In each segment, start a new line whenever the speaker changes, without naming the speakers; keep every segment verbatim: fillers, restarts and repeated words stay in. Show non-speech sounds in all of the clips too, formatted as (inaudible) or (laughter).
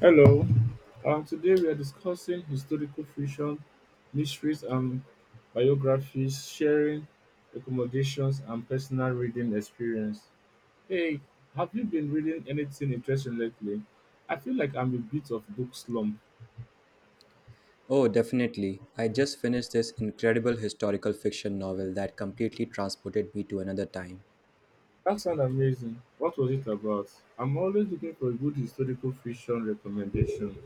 Hello, um, today we are discussing historical fiction, mysteries, and biographies, sharing recommendations, and personal reading experience. Hey, have you been reading anything interesting lately? I feel like I'm a bit of book slump.
Oh, definitely. I just finished this incredible historical fiction novel that completely transported me to another time.
That sounds amazing. What was it about? I'm always looking for a good historical fiction recommendation.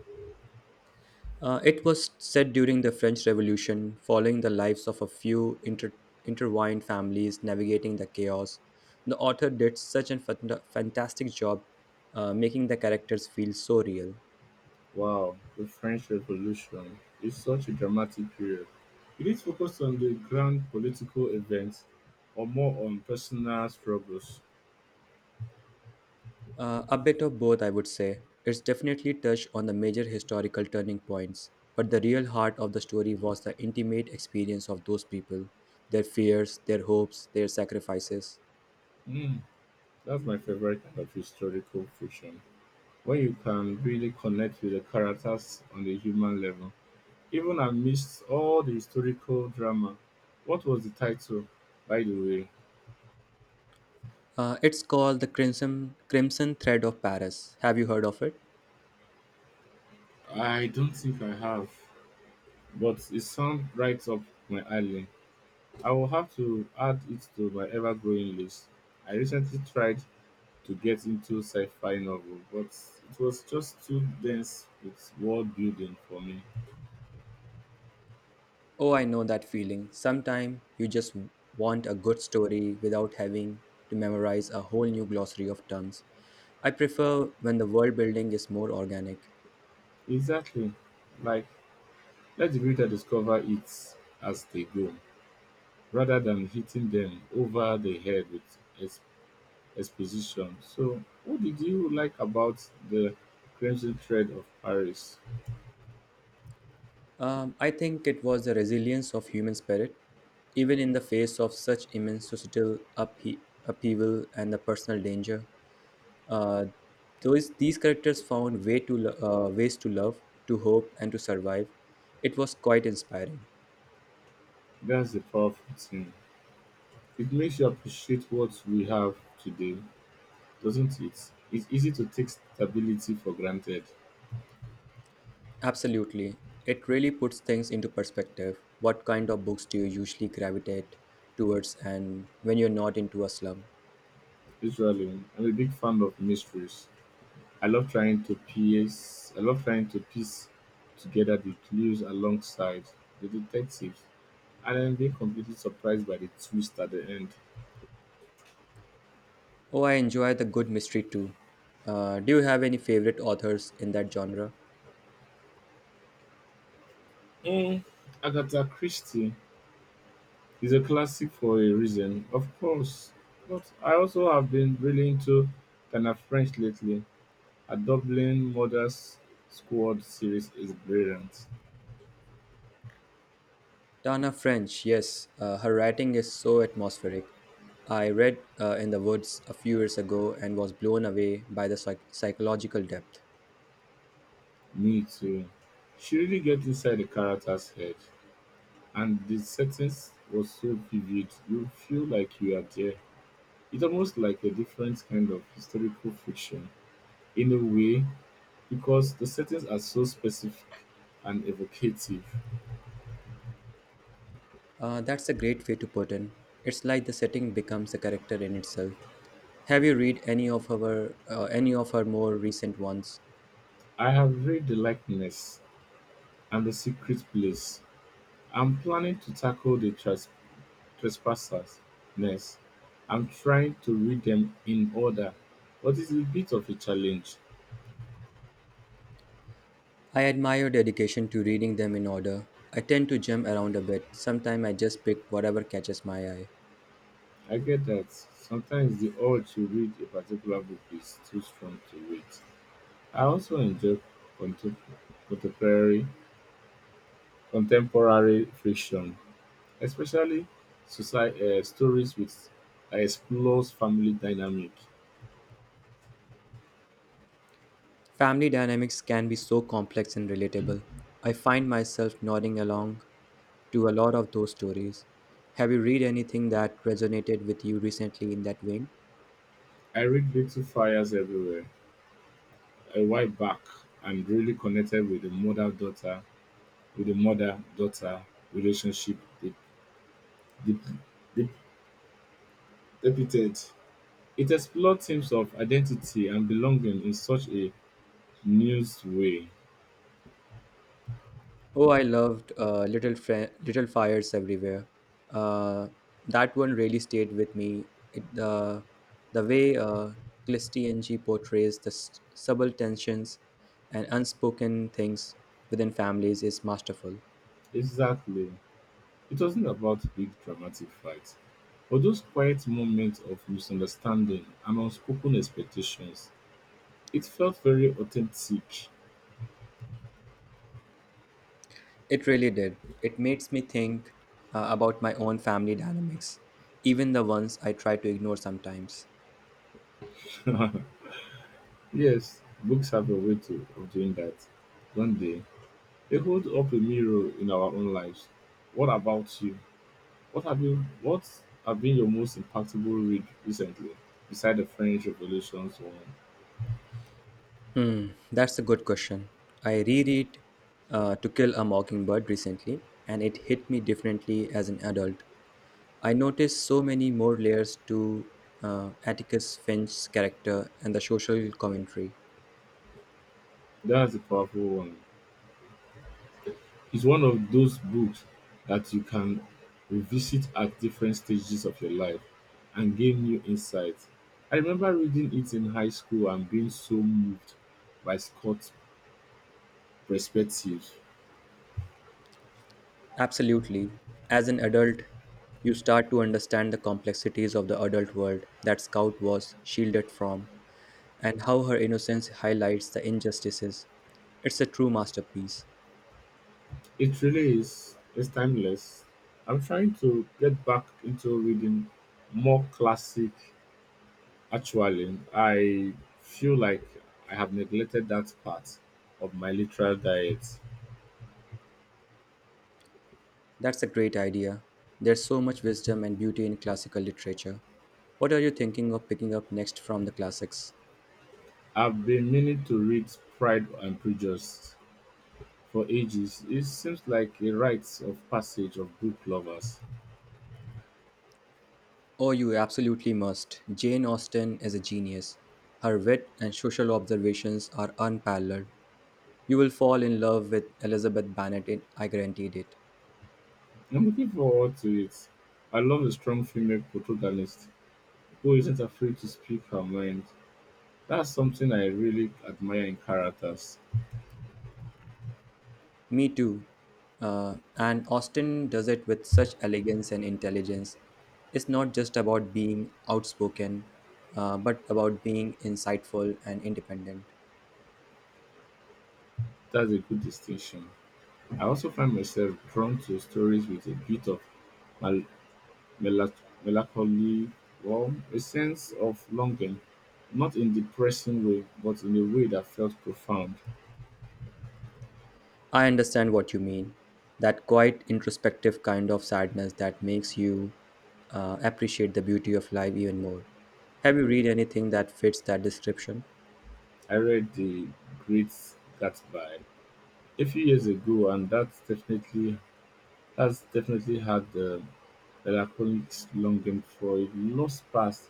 Uh, it was set during the French Revolution, following the lives of a few inter- intertwined families navigating the chaos. The author did such a fant- fantastic job, uh, making the characters feel so real.
Wow, the French Revolution is such a dramatic period. Did it focus on the grand political events or more on personal struggles?
Uh, a bit of both, I would say. It's definitely touched on the major historical turning points, but the real heart of the story was the intimate experience of those people, their fears, their hopes, their sacrifices.
Mm, that's my favorite kind of historical fiction, where you can really connect with the characters on the human level. Even amidst all the historical drama, what was the title, by the way?
Uh, it's called the Crimson Crimson Thread of Paris. Have you heard of it?
I don't think I have, but it sounds right up my alley. I will have to add it to my ever-growing list. I recently tried to get into sci-fi novel, but it was just too dense with world building for me.
Oh, I know that feeling. Sometimes you just want a good story without having to memorize a whole new glossary of terms. I prefer when the world building is more organic.
Exactly. Like, let the reader discover it as they go, rather than hitting them over the head with ex- exposition. So, what did you like about the Crimson Thread of Paris?
Um, I think it was the resilience of human spirit, even in the face of such immense societal uphe- upheaval and the personal danger. Uh, those these characters found way to lo- uh, ways to love, to hope, and to survive. It was quite inspiring.
That's the powerful thing. It makes you appreciate what we have today. Doesn't it? It's easy to take stability for granted.
Absolutely, it really puts things into perspective. What kind of books do you usually gravitate towards, and when you're not into a slum?
Usually, I'm a big fan of mysteries. I love trying to piece. I love trying to piece together the clues alongside the detectives, and then being completely surprised by the twist at the end.
Oh, I enjoy the good mystery too. Uh, do you have any favorite authors in that genre?
Mm, Agatha Christie is a classic for a reason, of course. But I also have been really into Tana French lately. A Dublin Murder Squad series is brilliant.
Tana French, yes, uh, her writing is so atmospheric. I read uh, In the Woods a few years ago and was blown away by the psych- psychological depth.
Me too. She really get inside the character's head, and the settings was so vivid. You feel like you are there. It's almost like a different kind of historical fiction, in a way, because the settings are so specific and evocative.
Uh, that's a great way to put in. It's like the setting becomes a character in itself. Have you read any of her uh, any of her more recent ones?
I have read The Likeness and The Secret Place. I'm planning to tackle the trespassers trespassers next. I'm trying to read them in order, but it's a bit of a challenge.
I admire dedication to reading them in order. I tend to jump around a bit. Sometimes I just pick whatever catches my eye.
I get that. Sometimes the urge to read a particular book is too strong to wait. I also enjoy contem- contemporary contemporary fiction, especially society, uh, stories with that explores family dynamic.
Family dynamics can be so complex and relatable. I find myself nodding along to a lot of those stories. Have you read anything that resonated with you recently in that vein?
I read Little Fires Everywhere a while back and really connected with the mother daughter with the mother daughter relationship they, they, they depicted. It explored themes of identity and belonging in such a nuanced way.
Oh, I loved uh, Little Fri- Little Fires Everywhere. Uh, that one really stayed with me. It, the the way uh, Clistianji portrays the s- subtle tensions and unspoken things within families is masterful.
Exactly. It wasn't about big dramatic fights, but those quiet moments of misunderstanding and unspoken expectations. It felt very authentic.
It really did. It makes me think uh, about my own family dynamics, even the ones I try to ignore sometimes.
(laughs) Yes, books have a way to, of doing that. Don't they? They hold up a mirror in our own lives. What about you? What have you? What have been your most impactful read recently, beside the French Revolution's one?
Hmm, that's a good question. I reread uh, To Kill a Mockingbird recently, and it hit me differently as an adult. I noticed so many more layers to uh, Atticus Finch's character and the social commentary.
That's a powerful one. It's one of those books that you can revisit at different stages of your life and gain new insights. I remember reading it in high school and being so moved by Scott's perspectives.
Absolutely. As an adult, you start to understand the complexities of the adult world that Scout was shielded from, and how her innocence highlights the injustices. It's a true masterpiece.
It really is, it's timeless. I'm trying to get back into reading more classic actually. I feel like I have neglected that part of my literal diet.
That's a great idea. There's so much wisdom and beauty in classical literature. What are you thinking of picking up next from the classics?
I've been meaning to read Pride and Prejudice for ages. It seems like a rite of passage of book lovers.
Oh, you absolutely must. Jane Austen is a genius. Her wit and social observations are unparalleled. You will fall in love with Elizabeth Bennet, it- I guaranteed it.
I'm looking forward to it. I love a strong female protagonist who isn't afraid to speak her mind. That's something I really admire in characters.
Me too. Uh, and Austen does it with such elegance and intelligence. It's not just about being outspoken, uh, but about being insightful and independent.
That's a good distinction. I also find myself drawn to stories with a bit of mal- Melac- melancholy or a sense of longing, not in depressing way, but in a way that felt profound.
I understand what you mean. That quite introspective kind of sadness that makes you, uh, appreciate the beauty of life even more. Have you read anything that fits that description?
I read The Great Gatsby a few years ago, and that's definitely has definitely had the melancholic longing for a lost past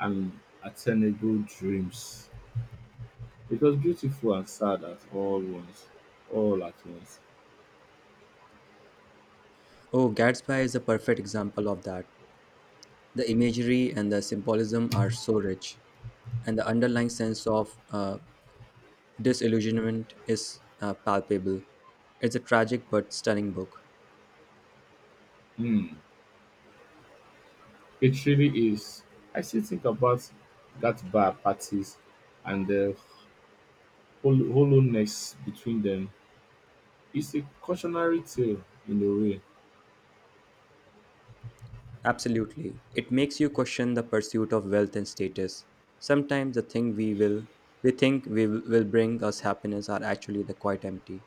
and attainable dreams. It was beautiful and sad at all once, all at once.
Oh, Gatsby is a perfect example of that. The imagery and the symbolism are so rich, and the underlying sense of uh, disillusionment is uh, palpable. It's a tragic but stunning book.
Hmm. It really is. I still think about that bar parties and the hol- hollowness between them. It's a cautionary tale in a way.
Absolutely. It makes you question the pursuit of wealth and status. Sometimes the thing we will we think we will will bring us happiness are actually the quite empty.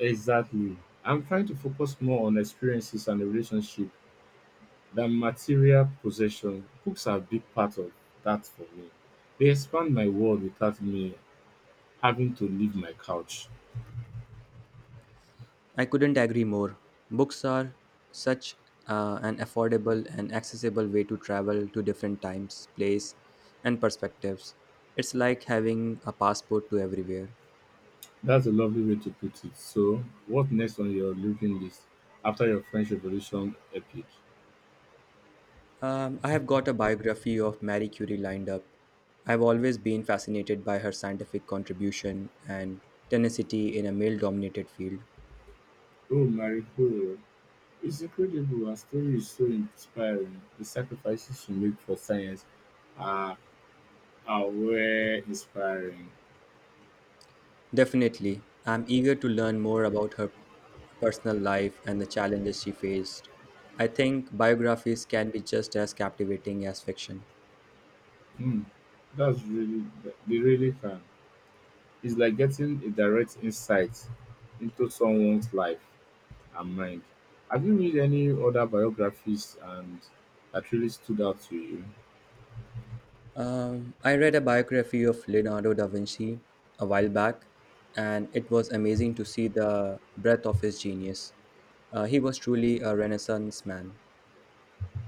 Exactly. I'm trying to focus more on experiences and the relationship than material possession. Books are a big part of that for me. They expand my world without me having to leave my couch.
I couldn't agree more. Books are such, uh, an affordable and accessible way to travel to different times, place and perspectives. It's like having a passport to everywhere.
That's a lovely way to put it. So, what next on your living list after your French Revolution epic?
Um, I have got a biography of Marie Curie lined up. I've always been fascinated by her scientific contribution and tenacity in a male dominated field.
Oh, Marie Curie, it's incredible. Her story is so inspiring. The sacrifices she made for science are, are were inspiring.
Definitely, I'm eager to learn more about her personal life and the challenges she faced. I think biographies can be just as captivating as fiction.
Hmm, That's really, they really can. It's like getting a direct insight into someone's life and mind. Have you read any other biographies and that really stood out to you?
Um, I read a biography of Leonardo da Vinci a while back, and it was amazing to see the breadth of his genius. Uh, he was truly a Renaissance man.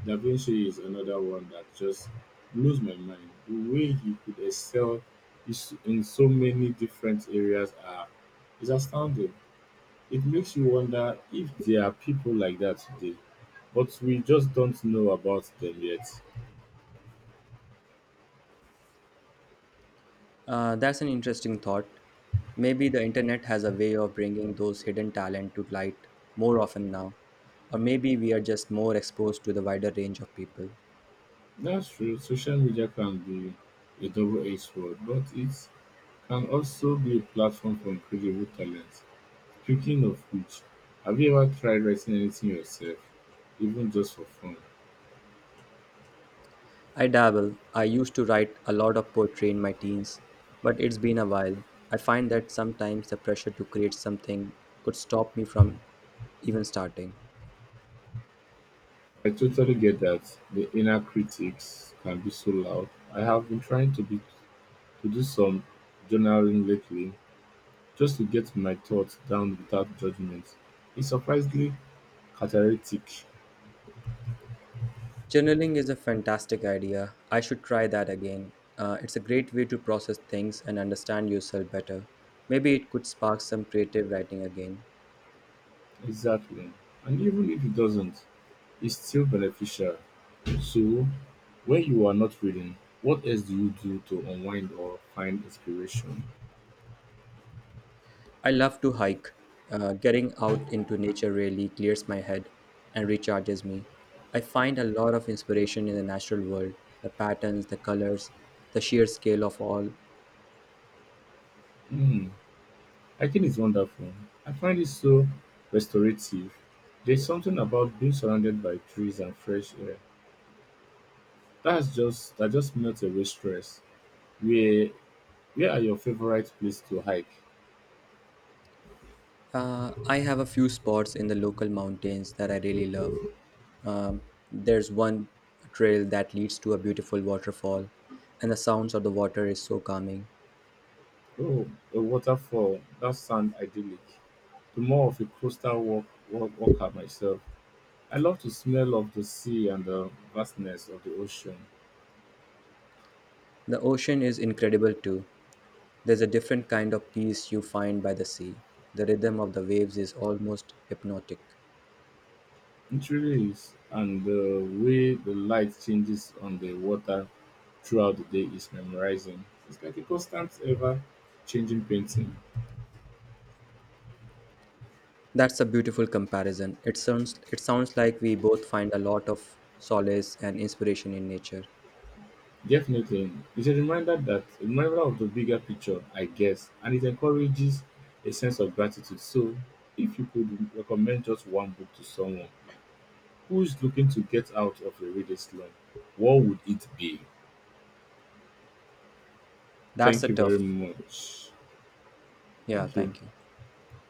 Da Vinci is another one that just blows my mind. The way he could excel is in so many different areas are is astounding. It makes you wonder if there are people like that today, but we just don't know about them yet.
Uh, that's an interesting thought. Maybe the internet has a way of bringing those hidden talent to light more often now, or maybe we are just more exposed to the wider range of people.
That's true. Social media can be a double-edged sword, but it can also be a platform for incredible talent. Speaking of which, have you ever tried writing anything yourself, even just for fun?
I dabble. I used to write a lot of poetry in my teens, but it's been a while. I find that sometimes the pressure to create something could stop me from even starting.
I totally get that, the inner critics can be so loud. I have been trying to be to do some journaling lately, just to get my thoughts down without judgment. It's surprisingly cathartic.
Journaling is a fantastic idea. I should try that again. Uh, it's a great way to process things and understand yourself better. Maybe it could spark some creative writing again.
Exactly. And even if it doesn't, it's still beneficial. So when you are not reading, what else do you do to unwind or find inspiration?
I love to hike. Uh, getting out into nature really clears my head and recharges me. I find a lot of inspiration in the natural world the patterns, the colors, the sheer scale of all.
Hmm. I think it's wonderful. I find it so restorative. There's something about being surrounded by trees and fresh air. That's just that just melts away stress. Where where are your favorite place to hike?
Uh, I have a few spots in the local mountains that I really love. Um, there's one trail that leads to a beautiful waterfall, and the sounds of the water is so calming.
Oh, a waterfall. That sounds idyllic. To more of a coastal walk, walk walker myself. I love the smell of the sea and the vastness of the ocean.
The ocean is incredible too. There's a different kind of peace you find by the sea. The rhythm of the waves is almost hypnotic.
It really is, and the way the light changes on the water throughout the day is memorizing. It's like a constant, ever changing painting.
That's a beautiful comparison. It sounds it sounds like we both find a lot of solace and inspiration in nature.
Definitely, it's a reminder that a reminder of the bigger picture, I guess, and it encourages a sense of gratitude. So, if you could recommend just one book to someone who's looking to get out of a reading slump, what would it be?
That's
Thank
a
you very
tough.
much.
Yeah,
Thank you.
thank you.